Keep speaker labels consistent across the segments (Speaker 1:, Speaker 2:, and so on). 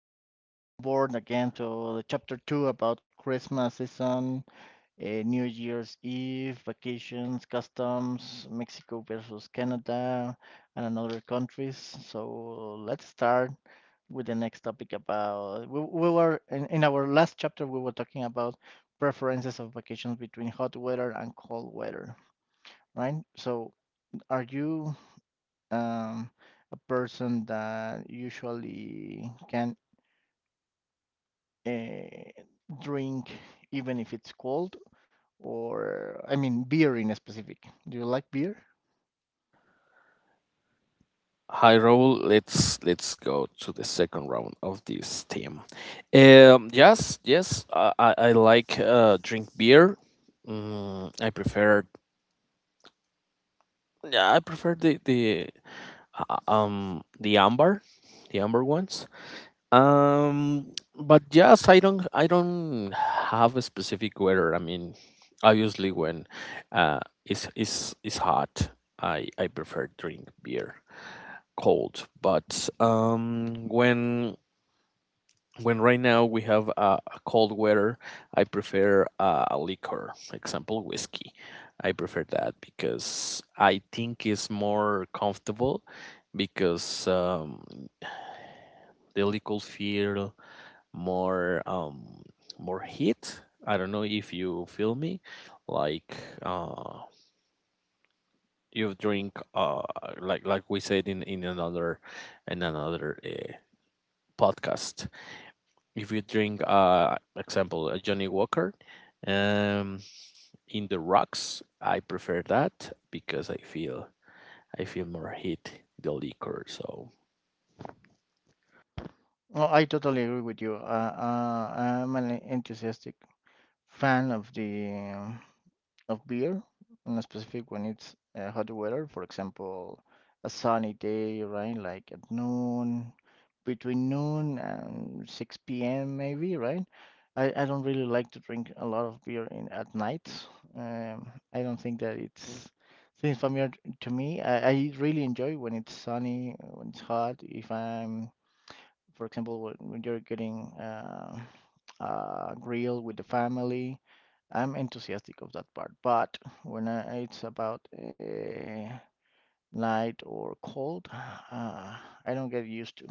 Speaker 1: Welcome on board again to the chapter two about Christmas season, New Year's Eve, vacations, customs, Mexico versus Canada, and another countries. So let's start with the next topic about. We were in our last chapter, we were talking about preferences of vacations between hot weather and cold weather, right? So are you um, a person that usually can uh, drink even if it's cold or I mean beer in specific. Do you like beer?
Speaker 2: Hi Raul, let's go to the second round of this team. Yes, I like drink beer. Mm, I prefer yeah, I prefer the uh, um the amber, the amber ones. But yes, I don't have a specific weather. I mean, obviously when uh it's hot, I prefer drink beer cold. But when right now we have a cold weather, I prefer a liquor, example whiskey. I prefer that because I think it's more comfortable because the liquor feel more more heat. I don't know if you feel me, like uh you drink like we said in another in another uh, podcast. If you drink example a Johnny Walker, um in the rocks, I prefer that because I feel more heat the liquor. So
Speaker 1: Oh, I totally agree with you. I'm an enthusiastic fan of the of beer, in specific when it's hot weather, for example, a sunny day, right? Like at noon, between noon and 6 p.m. maybe, right? I don't really like to drink a lot of beer in at night. Um, I don't think that it's seems familiar to me. I really enjoy when it's sunny, when it's hot, if I'm for example, when you're getting a grill with the family, I'm enthusiastic of that part. But when I, it's about light or cold, uh, I don't get used to.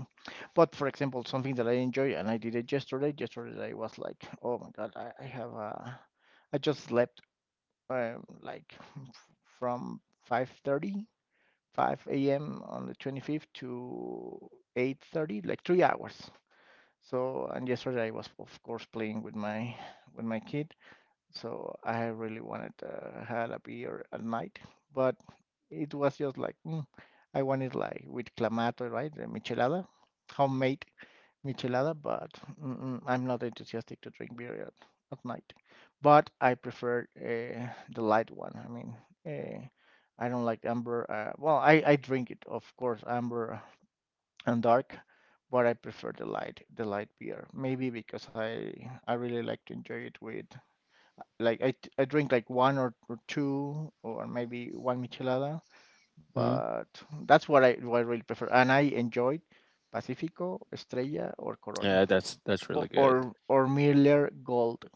Speaker 1: But for example, something that I enjoy and I did it yesterday. Yesterday I was like, oh my God, I have I just slept uh, like from 5:30, five a.m. on the 25th to 8:30, like 3 hours. So and yesterday I was of course playing with my kid. So I really wanted to have a beer at night, but it was just like I wanted like with clamato, right? The michelada, homemade michelada, but mm-mm, I'm not enthusiastic to drink beer at night. But I prefer the light one. I mean, uh, I don't like amber. Well, I drink it, of course, amber and dark, but I prefer the light beer. Maybe because I really like to enjoy it with I drink like one or two or maybe one michelada,
Speaker 2: mhm,
Speaker 1: but that's what I really prefer. And I enjoyed Pacifico, Estrella, or Corona,
Speaker 2: yeah, that's
Speaker 1: or
Speaker 2: really good,
Speaker 1: or Miller Gold.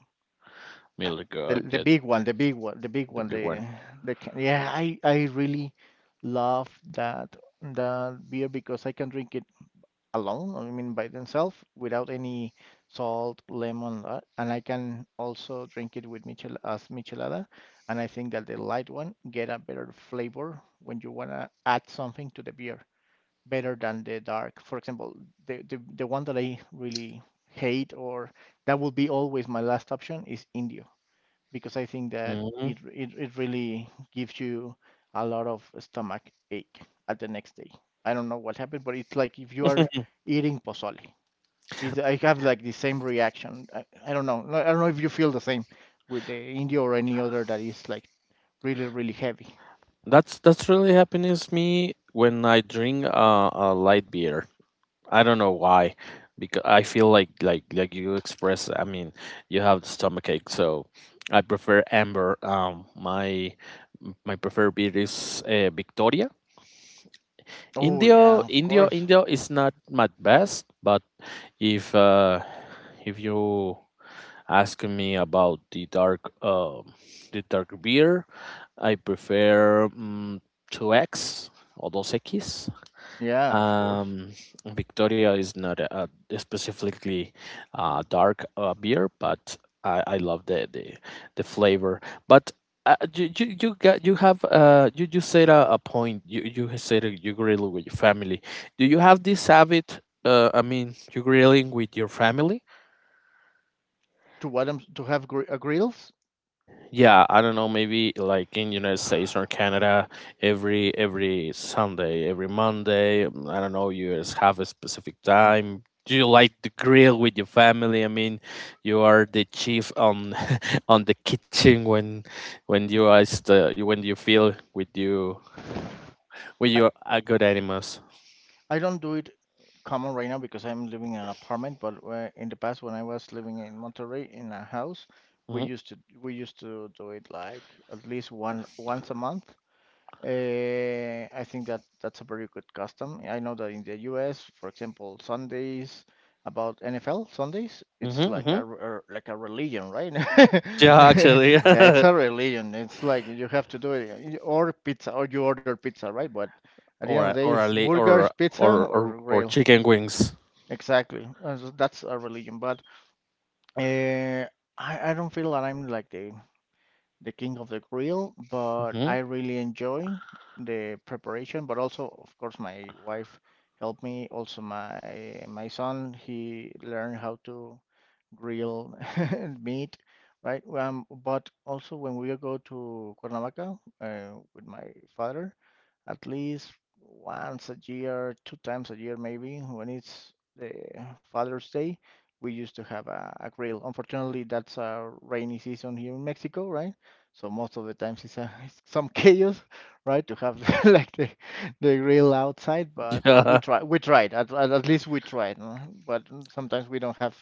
Speaker 1: Uh,
Speaker 2: really good.
Speaker 1: The
Speaker 2: Yeah,
Speaker 1: big one, the big one, the big
Speaker 2: the
Speaker 1: one,
Speaker 2: big one.
Speaker 1: yeah, I really love that that beer because I can drink it alone, I mean by themselves, without any salt, lemon, and I can also drink it with michelada. And I think that the light one get a better flavor when you wanna add something to the beer, better than the dark. For example, the one that I really hate or that will be always my last option is Indio because I think that it really gives you a lot of stomach ache at the next day. I don't know what happened, but it's like if you are eating pozole. It's, I have like the same reaction. I don't know. I don't know if you feel the same with the India or any other that is like really really heavy.
Speaker 2: That's really happens me when I drink a light beer. I don't know why, because I feel like you express. I mean, you have the stomach ache, so I prefer amber. My preferred beer is Victoria.
Speaker 1: Oh yeah,
Speaker 2: Indio
Speaker 1: of
Speaker 2: Indio
Speaker 1: course.
Speaker 2: Indio is not my best, but if uh, if you asking me about the dark beer. I prefer mm, 2X or dos x.
Speaker 1: Yeah, of course.
Speaker 2: Um, Victoria is not a specifically dark beer, but I love the flavor. But you have you said a point. You said that you grill with your family. Do you have this habit? I mean, you grilling with your family?
Speaker 1: To what I'm, to have grills?
Speaker 2: Yeah, I don't know, maybe like in United States or Canada, every Sunday, every Monday, mm, I don't know, you just have a specific time. Do you like to grill with your family? I mean, you are the chief on on the kitchen when you are the when you feel with you when
Speaker 1: I,
Speaker 2: you are good animals.
Speaker 1: I don't do it common right now because I'm living in an apartment. But in the past, when I was living in Monterrey in a house,
Speaker 2: Hmm
Speaker 1: we used to do it like at least one once a month. Uh, I think that that's a very good custom. I know that in the U.S., for example, Sundays about NFL Sundays, it's
Speaker 2: hmm
Speaker 1: like
Speaker 2: hmm.
Speaker 1: a like a religion, right?
Speaker 2: Yeah, actually,
Speaker 1: Yeah, it's a religion. It's like you have to do it, You- or pizza, or you order pizza, right? But at the end of the day, it's burgers,
Speaker 2: or
Speaker 1: pizza,
Speaker 2: or
Speaker 1: or
Speaker 2: or
Speaker 1: grill.
Speaker 2: chicken wings.
Speaker 1: Exactly. So that's a religion, but uh, I don't feel that I'm like the king of the grill, but
Speaker 2: Hmm.
Speaker 1: I really enjoy the preparation. But also, of course, my wife helped me. Also, my son he learned how to grill and meat, right? But also when we go to Cuernavaca with my father, at least once a year, two times a year maybe, when it's the Father's Day, we used to have a grill. Unfortunately, that's a rainy season here in Mexico, right? So most of the times it's some chaos, right? To have like the grill outside, but we tried. At least we tried, no? But sometimes we don't have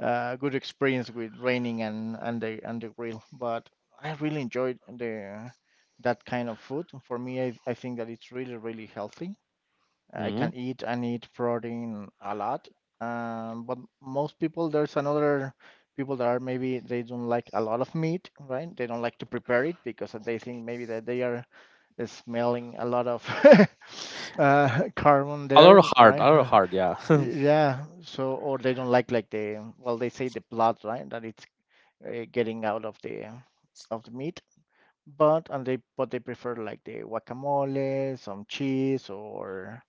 Speaker 1: good experience with raining and the grill. But I really enjoyed the that kind of food. For me, I think that it's really really healthy. I
Speaker 2: Yeah.
Speaker 1: can eat and eat protein a lot. But most people, there's another people that are maybe they don't like a lot of meat, right? They don't like to prepare it because they think maybe that they are smelling a lot of carbon
Speaker 2: A lot
Speaker 1: there,
Speaker 2: hard, a
Speaker 1: right?
Speaker 2: lot hard, yeah.
Speaker 1: Yeah, so or they don't like the well they say the blood, right? That it's getting out of the meat, but and they but they prefer like the guacamole, some cheese or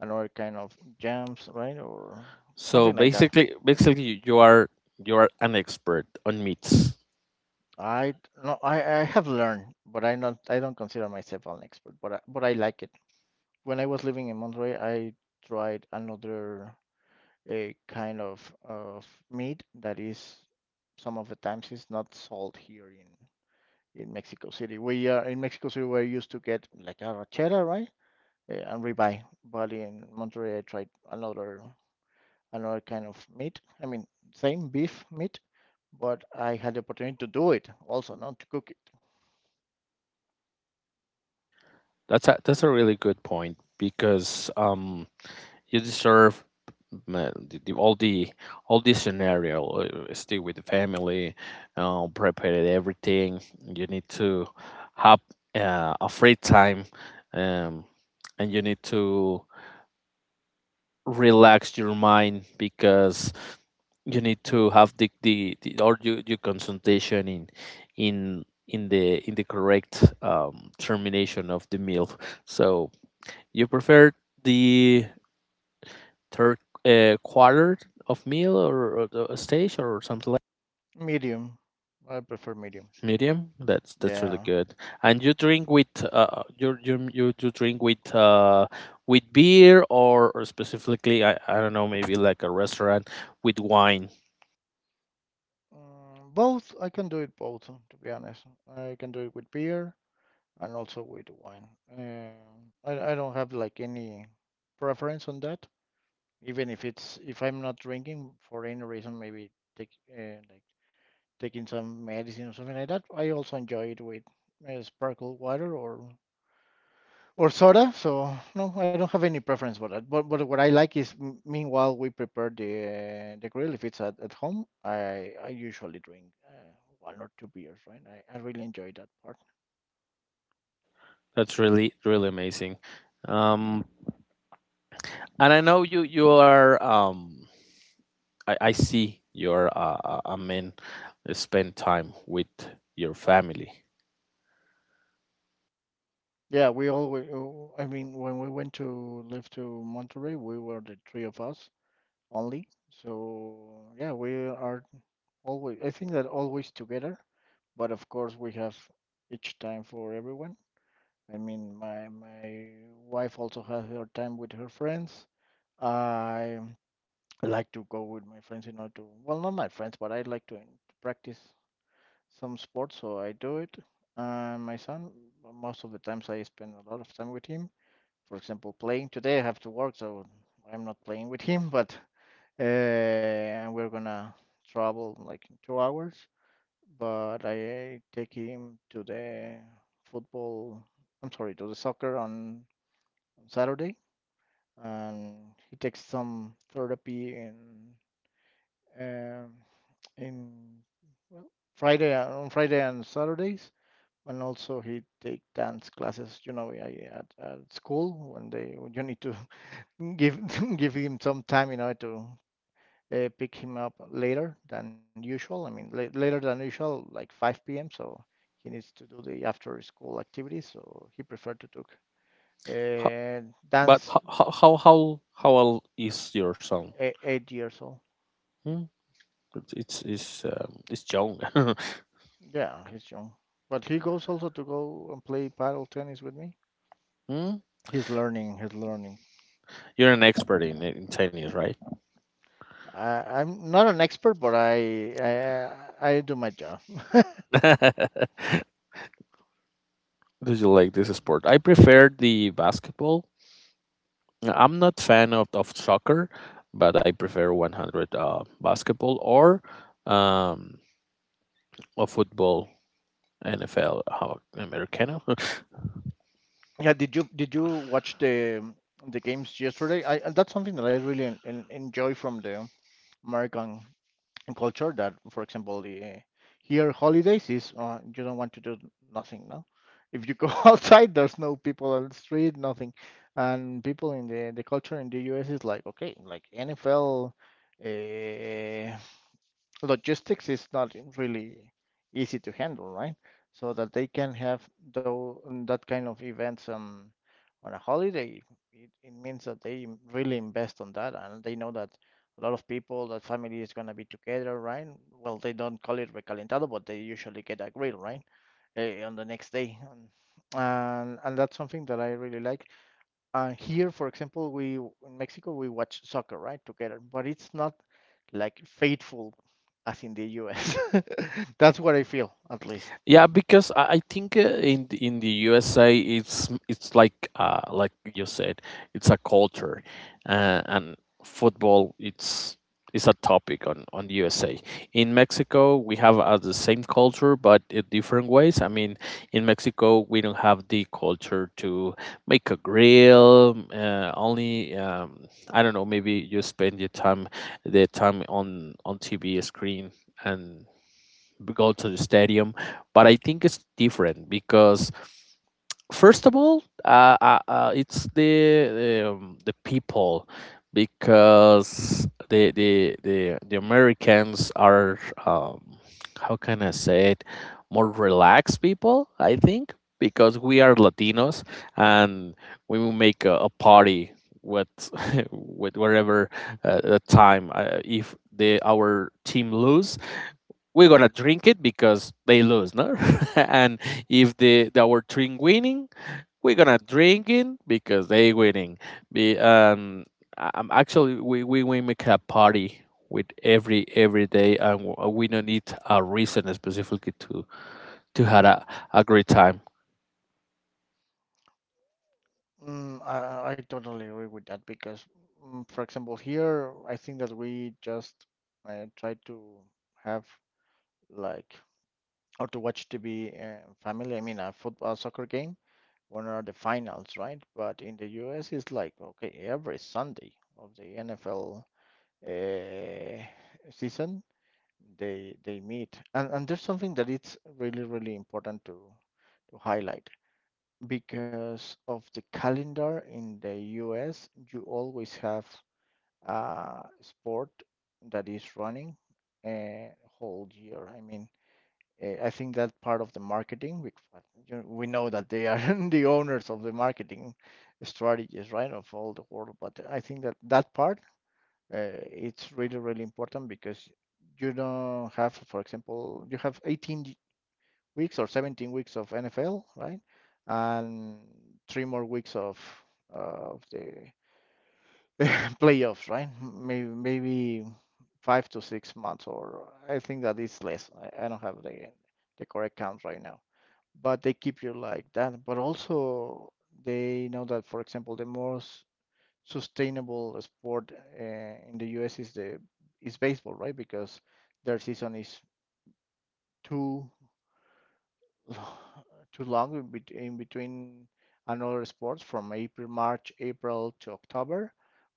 Speaker 1: another kind of jams, right? Or
Speaker 2: So
Speaker 1: something like that.
Speaker 2: basically, basically, you are an expert on meats.
Speaker 1: I no, I have learned, but I don't consider myself an expert, but but I like it. When I was living in Monterey, I tried another. A kind of meat that is some of the times is not sold here in Mexico City. We are in Mexico City. We're used to get like a rachera, right, eh, and ribeye. But in Monterrey, I tried another kind of meat. I mean, same beef meat, but I had the opportunity to do it also, not to cook it.
Speaker 2: That's a really good point because you deserve the, all the all the scenario. Uh, stay with the family, prepare everything. You need to have a free time, um, and you need to relax your mind because you need to have the or your concentration in the in the correct termination of the meal. So you prefer the third quarter of meal or the stage or something like
Speaker 1: Medium. I prefer medium.
Speaker 2: medium. That's really
Speaker 1: Yeah.
Speaker 2: good. And you drink with you drink with beer or specifically I don't know maybe like a restaurant with wine.
Speaker 1: Mm, both. I can do it both, to be honest. I can do it with beer. And also with wine. I I don't have like any preference on that. Even if it's if I'm not drinking for any reason, maybe take like taking some medicine or something like that. I also enjoy it with sparkle water or soda. So no, I don't have any preference for that. But what I like is meanwhile we prepare the grill. If it's at home, I usually drink one or two beers. Right, I really enjoy that part.
Speaker 2: That's really really amazing. Um, and I know you you are I see you're a man spend time with your family.
Speaker 1: Yeah, we all. Oh, I mean, when we went to live to Monterey, we were the three of us only. So yeah, we are always. I think that always together, but of course we have each time for everyone. I mean, my wife also has her time with her friends. I like to go with my friends in order to, well, not my friends, but I like to practice some sports, so I do it. And my son, most of the times I spend a lot of time with him for example, playing today. I have to work, so I'm not playing with him. But uh, we're gonna travel like in 2 hours. But I take him to the football. I'm sorry, to the soccer on Saturday, and he takes some therapy in um in well Friday on Friday and Saturdays. And also he take dance classes, you know, at school when they when you need to give give him some time, you know, to pick him up later than usual. I mean, later than usual, like 5 p.m. So he needs to do the after school activities. So he preferred to took
Speaker 2: How, but
Speaker 1: dance
Speaker 2: how how how how how old is your son?
Speaker 1: 8 years old.
Speaker 2: Hmm? It's young.
Speaker 1: Yeah, he's young, but he goes also to go and play paddle tennis with me.
Speaker 2: Hmm?
Speaker 1: He's learning. He's learning.
Speaker 2: You're an expert in tennis, right?
Speaker 1: I'm not an expert, but I, I do my job.
Speaker 2: Do you like this sport? I prefer the basketball. I'm not fan of soccer, but I prefer 100 basketball um, or football, NFL, how, Americano.
Speaker 1: Yeah, did you watch the games yesterday? I and that's something that I really enjoy from the American culture that, for example, the here holidays is you don't want to do nothing, no? If you go outside, there's no people on the street, nothing. And people in the culture in the US is like, okay, like NFL, uh, logistics is not really easy to handle, right? So that they can have though that kind of events on a holiday, it means that they really invest on that, and they know that a lot of people, that family is gonna be together, right? Well, they don't call it recalentado, but they usually get a grill, right? Eh, on the next day, and that's something that I really like here, for example, we in Mexico we watch soccer, right, together, but it's not like faithful as in the U.S. That's what I feel, at least.
Speaker 2: Yeah, because I think in the USA it's it's like you said, it's a culture, and football it's a topic on the USA. In Mexico, we have the same culture but in different ways. I mean, in Mexico, we don't have the culture to make a grill. Only I don't know. Maybe you spend your time the time on TV screen and go to the stadium, but I think it's different because first of all it's the people because the Americans are um, how can I say it, more relaxed people I think because we are Latinos, and we will make a party with with wherever the time, if the our team lose, we're gonna drink it because they lose, no? And if the, the our team winning, we're gonna drink it because they winning. Be I- I'm actually we make a party with every day, and we don't need a reason specifically to have a great time.
Speaker 1: Mm, I totally agree with that, because for example, here I think that we just try to have like or to watch TV family. I mean, a football soccer game. When are the finals, right? But in the U.S., it's like okay, every Sunday of the NFL uh, season they meet, and there's something that it's really really important to highlight because of the calendar in the U.S. You always have a sport that is running a whole year. I mean, I think that part of the marketing, well, you know, we know that they are the owners of the marketing strategies, right, of all the world. But I think that that part, it's really, really important, because you don't have, for example, you have 18 weeks or 17 weeks of NFL, right? And three more weeks of of the playoffs, right? Maybe maybe 5 to 6 months, or I think that is less. I don't have the correct count right now, but they keep you like that. But also they know that, for example, the most sustainable sport, in the U.S., is the is baseball, right? Because their season is too too long in in between another sports, from April, March, April to October,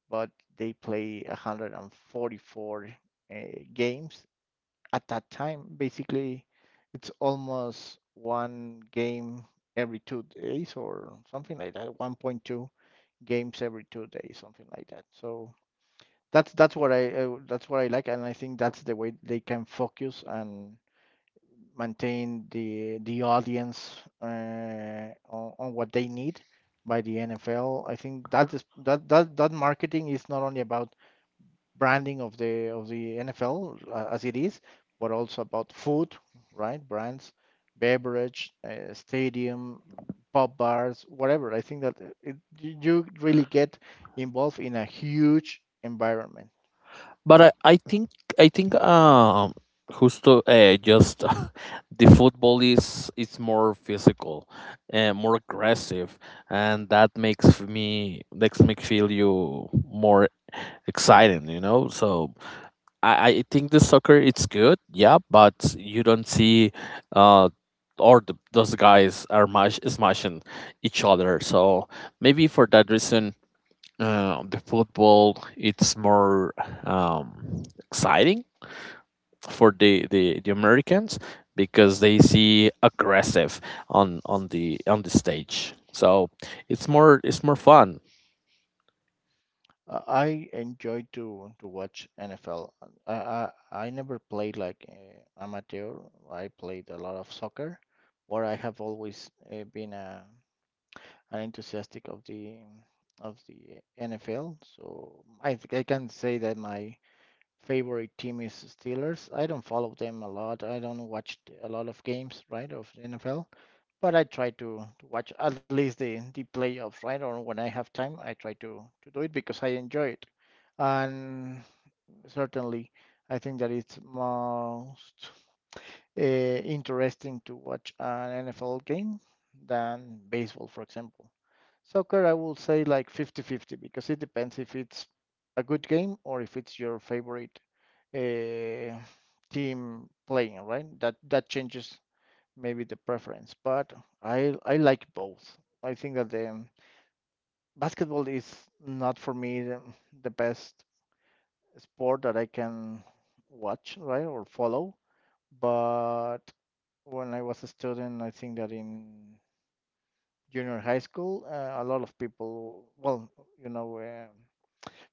Speaker 1: but they play 144 uh, games at that time. Basically, it's almost one game every 2 days or something like that, 1.2 games every 2 days, something like that. So that's what I like, and I think that's the way they can focus and maintain the audience, on what they need by the NFL. I think that is that that that marketing is not only about branding of the NFL as it is, but also about food, right? Brands, beverage, stadium, pub bars, whatever. I think that you really get involved in a huge environment.
Speaker 2: But I think justo just the football is more physical and more aggressive, and that makes me feel you more exciting you know, so I think the soccer it's good yeah but you don't see uh or the, those guys are mash, smashing each other, so maybe for that reason the football it's more um, exciting for the Americans because they see aggressive on the stage. So it's more fun.
Speaker 1: I enjoy to watch NFL. I I, I never played like amateur. I played a lot of soccer, where I have always been an enthusiastic of the NFL. So I think I can say that my favorite team is Steelers. I don't follow them a lot. I don't watch a lot of games, right, of NFL. But I try to watch at least the playoffs, right? Or when I have time, I try to do it because I enjoy it. And certainly, I think that it's most interesting to watch an NFL game than baseball, for example. Soccer, I will say like 50-50, because it depends if it's a good game or if it's your favorite uh, team playing, right? That that changes maybe the preference, but I like both. I think that the basketball is not for me the best sport that I can watch, right, or follow. But when I was a student, I think that in junior high school, a lot of people, well, you know,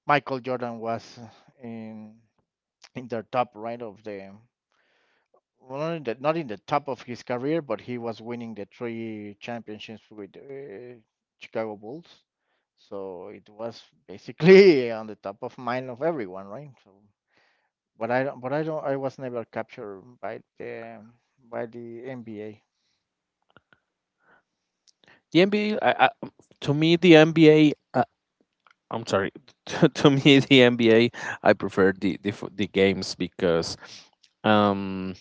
Speaker 1: Michael Jordan was in the top, right, of the, well, not in the, not in the top of his career, but he was winning the three championships with Chicago Bulls. So it was basically on the top of mind of everyone, right? So. But I don't. I was never captured by the NBA.
Speaker 2: The NBA to me the NBA I'm sorry to me the NBA I prefer the, the games because um,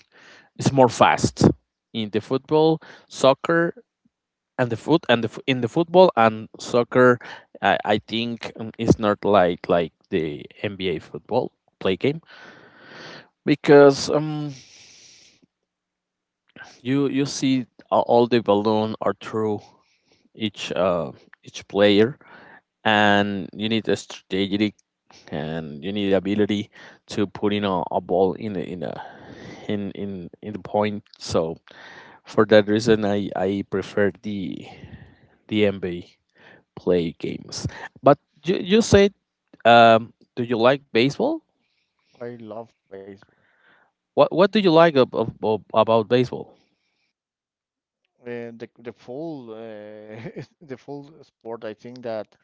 Speaker 2: it's more fast in the football soccer and the foot and the f- in the football and soccer I think it's not like like the NBA football play game because you you see all the balloon are through each uh each player, and you need a strategic and you need ability to put in a ball in a, in a in, in the point, so for that reason I prefer the NBA play games. But you said, do you like baseball?
Speaker 1: I love baseball.
Speaker 2: What do you like about baseball?
Speaker 1: The full the full sport. I think that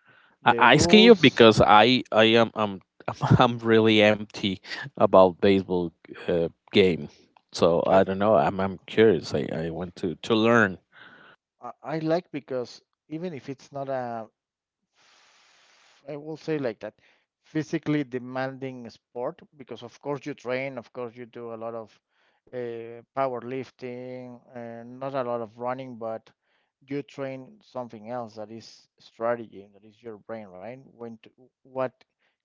Speaker 1: the
Speaker 2: I asking you
Speaker 1: rules.
Speaker 2: because I'm I'm really empty about baseball game. So
Speaker 1: I
Speaker 2: I don't know. I'm curious. I want to learn.
Speaker 1: I like because, even if it's not a, I will say like that, physically demanding sport, because of course you train, of course you do a lot of powerlifting, and not a lot of running, but you train something else that is strategy, that is your brain, right? When to, what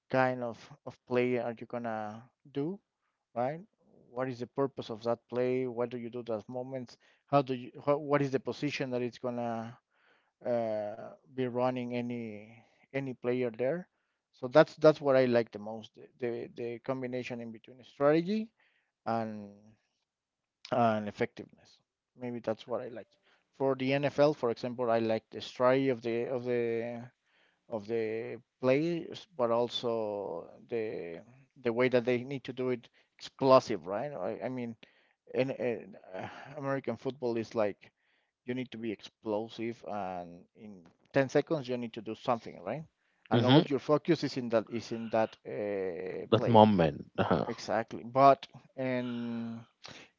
Speaker 1: kind of play are you gonna do, right? What is the purpose of that play? What do you do those moments? How do you? How, what is the position that it's gonna be running any player there. So that's what I like the most, the the combination in between strategy and effectiveness. Maybe that's what I like. For the NFL, for example, I like the strategy of the of the players, but also the way that they need to do it explosive, right? I mean, in and American football is like, you need to be explosive, and in 10 seconds you need to do something, right? And
Speaker 2: Hmm,
Speaker 1: all your focus is in that, is in that
Speaker 2: that
Speaker 1: play.
Speaker 2: moment. Uh-huh.
Speaker 1: Exactly. But in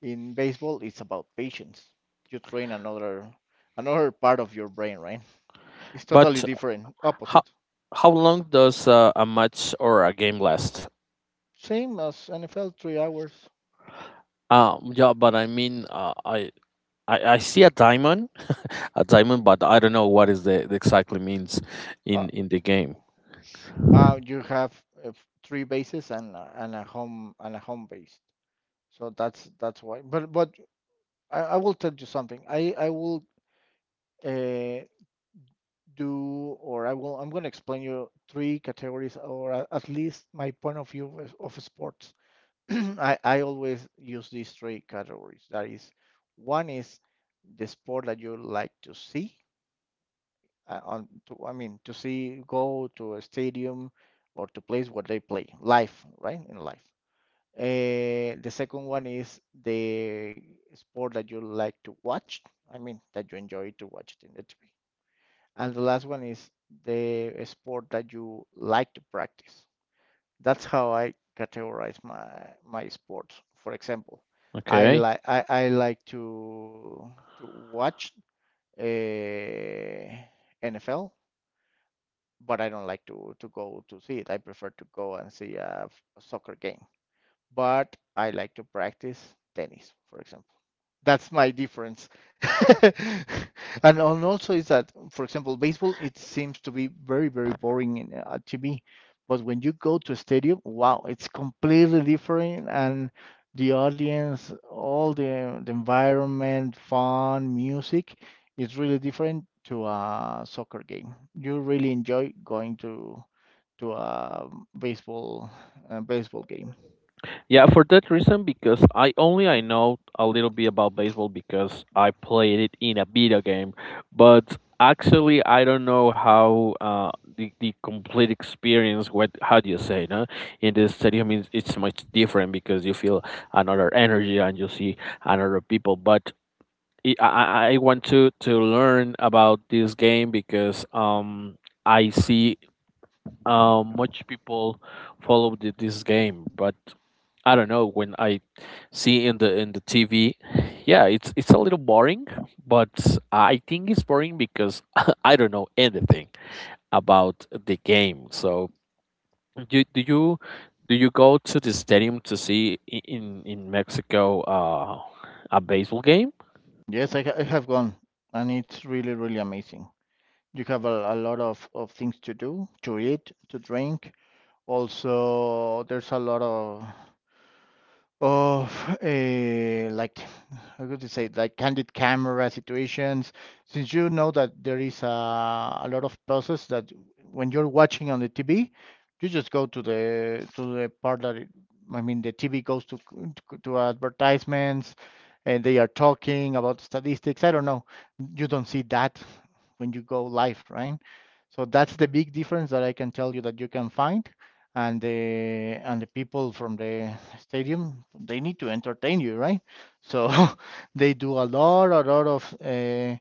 Speaker 1: baseball, it's about patience. You train another part of your brain, right? It's totally
Speaker 2: But
Speaker 1: different,
Speaker 2: how
Speaker 1: opposite.
Speaker 2: how long does a match or a game last?
Speaker 1: Same as NFL, 3 hours.
Speaker 2: Yeah, but I mean, I see a diamond, a diamond, but I don't know what is the exactly means
Speaker 1: Uh,
Speaker 2: in the game.
Speaker 1: you have three bases and and a home, and a home base. So that's why. But I will tell you something. I will uh, do, or I will, I'm going to explain you three categories, or at least my point of view of sports. I always use these three categories. That is, one is the sport that you like to see. I mean, to see, go to a stadium or to place where they play live, right? In life. The second one is the sport that you like to watch. I mean, that you enjoy to watch it in the TV. And the last one is the sport that you like to practice. That's how I categorize my sports. For example, I
Speaker 2: Okay.
Speaker 1: like I, I like to watch uh, NFL, but I don't like to go to see it. I prefer to go and see a soccer game, but I like to practice tennis, for example. That's my difference. And also is that, for example, baseball, it seems to be very, very boring in TV, but when you go to a stadium, wow, it's completely different, and the audience, all the environment, fun, music, it's really different to a soccer game. You really enjoy going to a baseball game.
Speaker 2: Yeah, for that reason, because I only I know a little bit about baseball because I played it in a video game, but actually I don't know how the complete experience. What how do you say? No, in the stadium, it's much different because you feel another energy and you see another people. But I want to learn about this game because I see much people follow the, this game, but I don't know when I see in the TV, yeah, it's a little boring, but I think it's boring because I don't know anything about the game. So do do you do you go to the stadium to see in Mexico a baseball game?
Speaker 1: Yes, I have gone, and it's really, really amazing. You have a lot of things to do, to eat, to drink. Also, there's a lot of like, how could you say, like candid camera situations, since you know that there is a lot of pauses, that when you're watching on the TV, you just go to the part that it, I mean, the TV goes to to advertisements, and they are talking about statistics, I don't know. You don't see that when you go live, right? So that's the big difference that I can tell you that you can find. And the and the people from the stadium, they need to entertain you, right? So they do a lot, a lot of uh,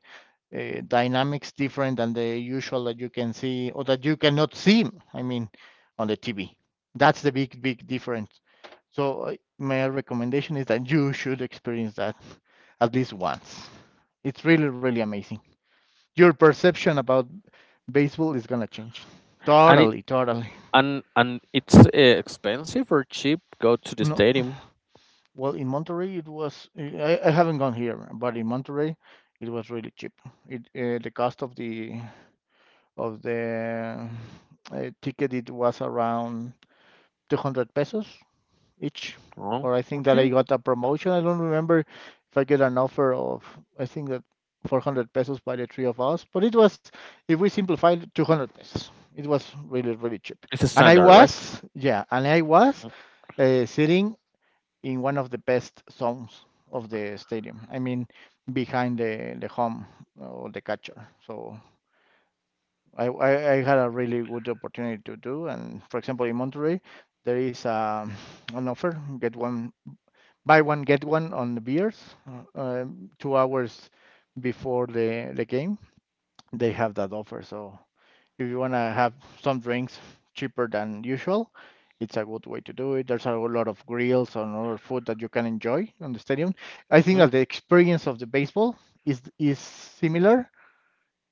Speaker 1: uh, dynamics different than the usual, that you can see or that you cannot see, I mean, on the TV. That's the big, big difference. So my recommendation is that you should experience that at least once. It's really, really amazing. Your perception about baseball is going to change
Speaker 2: And it,
Speaker 1: totally, totally.
Speaker 2: And it's expensive or cheap? Go to the
Speaker 1: No.
Speaker 2: stadium.
Speaker 1: Well, in Monterey it was, eh, I haven't gone here, but in Monterey it was really cheap. It, the cost of the of the ticket, it was around 200 pesos each.
Speaker 2: Oh,
Speaker 1: Or I think that
Speaker 2: okay.
Speaker 1: I got a promotion. I don't remember if I get an offer of, I think that, 400 pesos by the three of us, but it was, if we simplified, 200 pesos. It was really, really cheap.
Speaker 2: It's a
Speaker 1: And I
Speaker 2: standard, right?
Speaker 1: was, yeah, and I was sitting in one of the best zones of the stadium. I mean, behind the home or the catcher. So I had a really good opportunity to do. And for example, in Monterrey, there is a, an offer, get one, buy one get one on the beers, 2 hours before the game they have that offer. So if you want to have some drinks cheaper than usual, it's a good way to do it. There's a lot of grills and other food that you can enjoy on the stadium. I think
Speaker 2: Mm-hmm.
Speaker 1: that the experience of the baseball is similar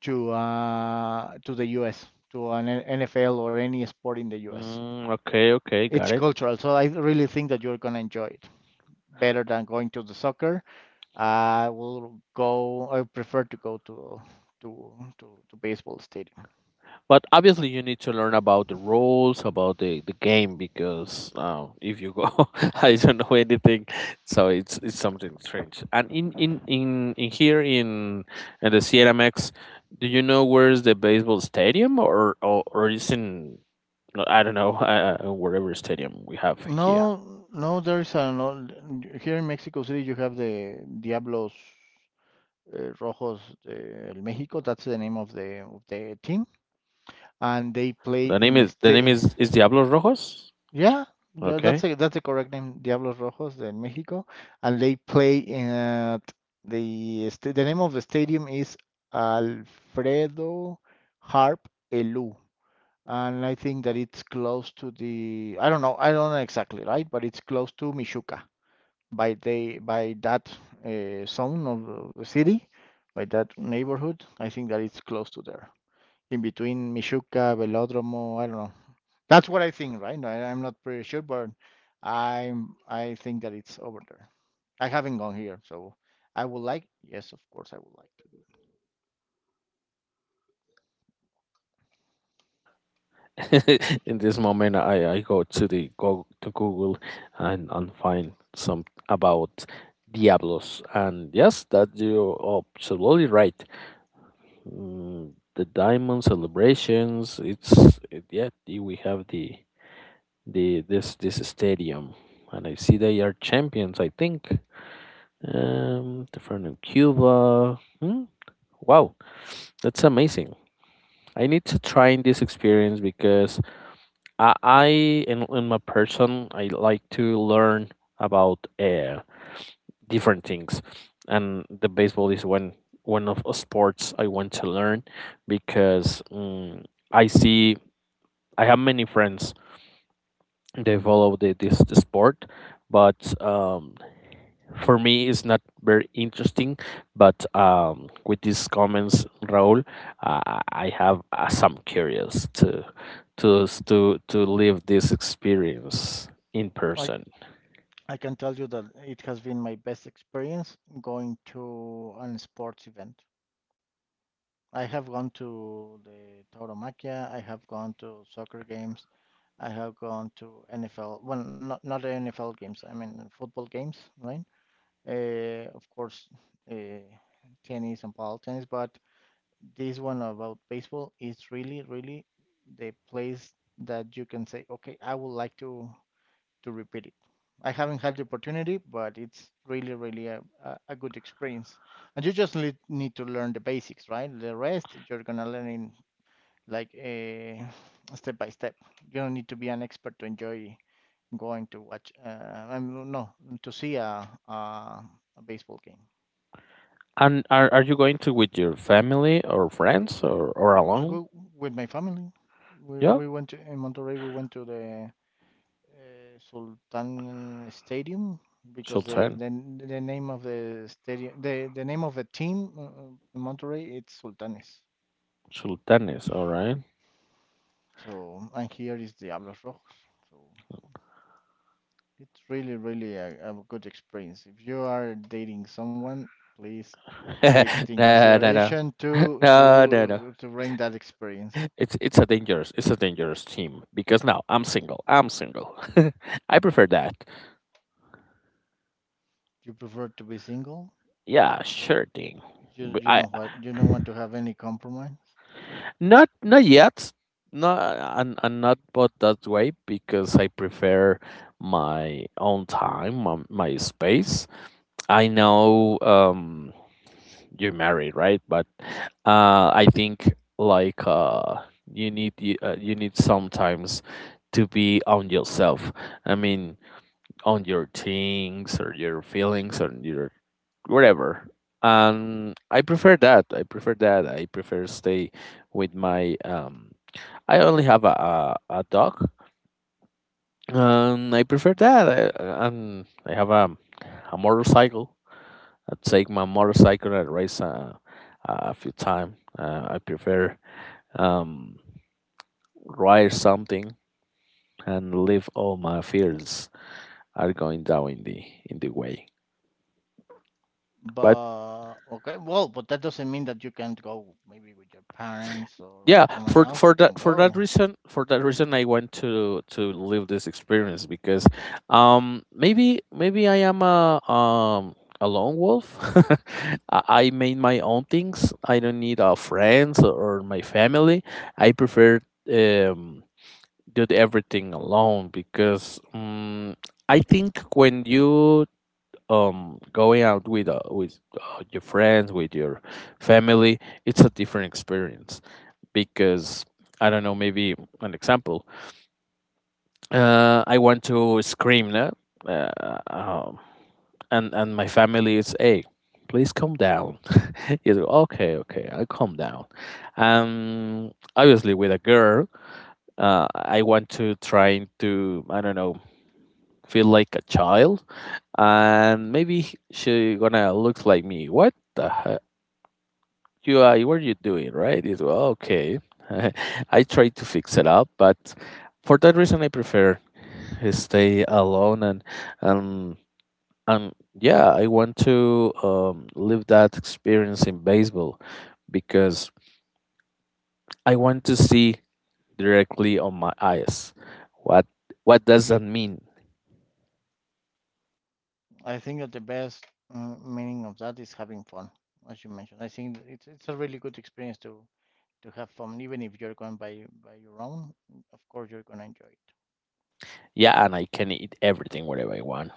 Speaker 1: to the U.S., to an NFL or any sport in the U.S.
Speaker 2: Mm, okay, okay,
Speaker 1: It's
Speaker 2: got it.
Speaker 1: cultural, so I really think that you're gonna enjoy it better than going to the soccer. I will go. I prefer to go to to to baseball stadium.
Speaker 2: But obviously, you need to learn about the rules, about the game, because if you go, I don't know anything, so it's something strange. And in here in the CNMX, do you know where's the baseball stadium, or is in no, I don't know wherever stadium we have here?
Speaker 1: No, no, there's a no, here in Mexico City you have the Diablos Rojos del México. That's the name of the team, and they play in
Speaker 2: The name
Speaker 1: este.
Speaker 2: is Diablos Rojos.
Speaker 1: Yeah,
Speaker 2: Okay.
Speaker 1: that's the correct name, Diablos Rojos del México, and they play at the name of the stadium is Alfredo Harp Elú. And I think that it's close to the, I don't know exactly, right? But it's close to Michuca. By that zone of the city, by that neighborhood. I think that it's close to there, in between Michuca, Velódromo. I don't know. That's what I think, right? No, I'm not pretty sure, but I think that it's over there. I haven't gone here, so I would like. Yes, of course, I would like to.
Speaker 2: In this moment, I go to the go to Google and find some about Diablos. And yes, that you're absolutely right. Mm, the diamond celebrations. It's it, yeah. We have the this stadium, and I see they are champions. I think. They're from Cuba. Hmm? Wow, that's amazing. I need to try in this experience because I in my person I like to learn about different things, and the baseball is one of the sports I want to learn because I see I have many friends they follow the, this the sport, but for me it's not very interesting, but with these comments Raul, I have some curious to to live this experience in
Speaker 1: I
Speaker 2: person.
Speaker 1: I can tell you that it has been my best experience going to an sports event. I have gone to the Tauromaquia. I have gone to soccer games. I have gone to NFL, well, not NFL games. I mean football games, right? Of course, uh, tennis and ball tennis, but this one about baseball is really, really the place that you can say, okay, I would like to repeat it. I haven't had the opportunity, but it's really, really a good experience. And you just need to learn the basics, right? The rest you're gonna learn in like a step by step. You don't need to be an expert to enjoy going to watch. I'm no To see a baseball game.
Speaker 2: And are you going to with your family or friends or
Speaker 1: I
Speaker 2: alone?
Speaker 1: go with my family. We
Speaker 2: Yeah,
Speaker 1: we went to, in Monterrey. We went to the Sultan Stadium because the,
Speaker 2: sultan,
Speaker 1: the the name of the name of the team in Monterrey it's Sultanes.
Speaker 2: sultanes, all right.
Speaker 1: So and here is Diablos Rojos. So it's really really a good experience. If you are dating someone, please take it in
Speaker 2: No, no, no.
Speaker 1: consideration to
Speaker 2: No, no, no,
Speaker 1: to to bring that experience.
Speaker 2: it's it's a dangerous team because now I'm single, I'm single. I prefer that.
Speaker 1: You prefer to be single.
Speaker 2: Yeah, sure thing.
Speaker 1: You you
Speaker 2: I
Speaker 1: know what you don't want to have any compromise.
Speaker 2: not not yet. Not and and not but that way because I prefer my own time, my space. I know you're married, right? But I think like you need you, you need sometimes to be on yourself. I mean, on your things or your feelings or your whatever. And I prefer that. I prefer that. I prefer stay with my. I only have a dog. And I prefer that. I have a motorcycle. I take my motorcycle and race a few time. I prefer um ride something and leave all my fears are going down in the way. But
Speaker 1: But okay, well, but that doesn't mean that you can't go maybe with your parents or
Speaker 2: yeah,
Speaker 1: with someone else. You can go.
Speaker 2: for that reason I want to live this experience because maybe I am a lone wolf. I made my own things, I don't need friends or my family. I prefer um do everything alone because I think when you going out with your friends with your family, it's a different experience because I don't know, maybe an example. I want to scream now, uh, um, and my family is, hey, please calm down. He's like, okay, okay, I'll calm down. Obviously, with a girl, I want to try to I don't know feel like a child, and maybe she gonna look like me. What the UI, what are you doing, right? It's well, okay. I try to fix it up, but for that reason, I prefer stay alone and and yeah, I want to live that experience in baseball because I want to see directly on my eyes what what does that mean.
Speaker 1: I think that the best meaning of that is having fun, as you mentioned. I think it's a really good experience to have fun, even if you're going by your own. Of course, you're gonna enjoy it.
Speaker 2: Yeah, and I can eat everything whatever I want.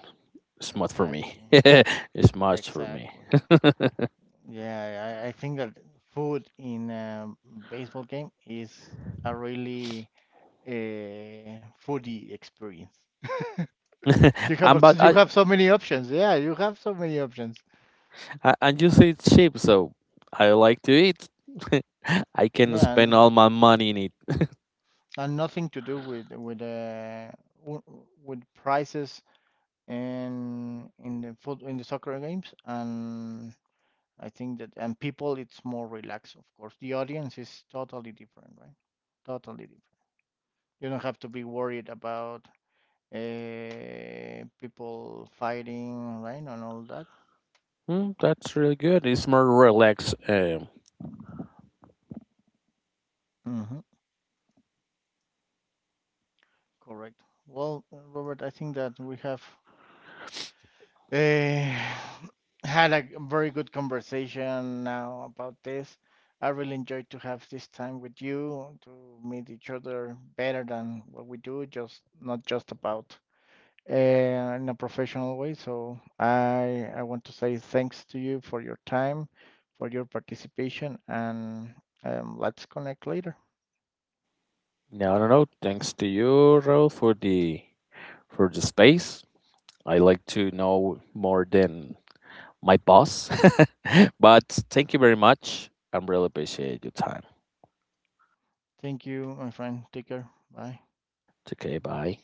Speaker 2: It's much for
Speaker 1: Exactly.
Speaker 2: me. It's much for me.
Speaker 1: Exactly. Yeah, I think that food in a baseball game is a really foodie experience. You have
Speaker 2: And but
Speaker 1: you
Speaker 2: I
Speaker 1: have so many options. Yeah, you have so many options.
Speaker 2: A- And you say it's cheap, so I like to eat. I can
Speaker 1: Yeah,
Speaker 2: spend all my money in it.
Speaker 1: and nothing to do with w- with prices and in the foot in the soccer games. And I think that and people, it's more relaxed. Of course, the audience is totally different, right? Totally different. You don't have to be worried about people fighting, right, and all that.
Speaker 2: Mm, that's really good. It's more relaxed.
Speaker 1: Hmm. Correct. Well, Robert, I think that we have uh, had a very good conversation now about this. I really enjoyed to have this time with you to meet each other better than what we do, just not just about in a professional way. So I want to say thanks to you for your time, for your participation, and let's connect later.
Speaker 2: No, no, no. Thanks to you, Raul, for the space. I like to know more than my boss. But thank you very much. I'm really appreciate your time.
Speaker 1: Thank you, my friend. Take care. Bye.
Speaker 2: It's okay. Bye.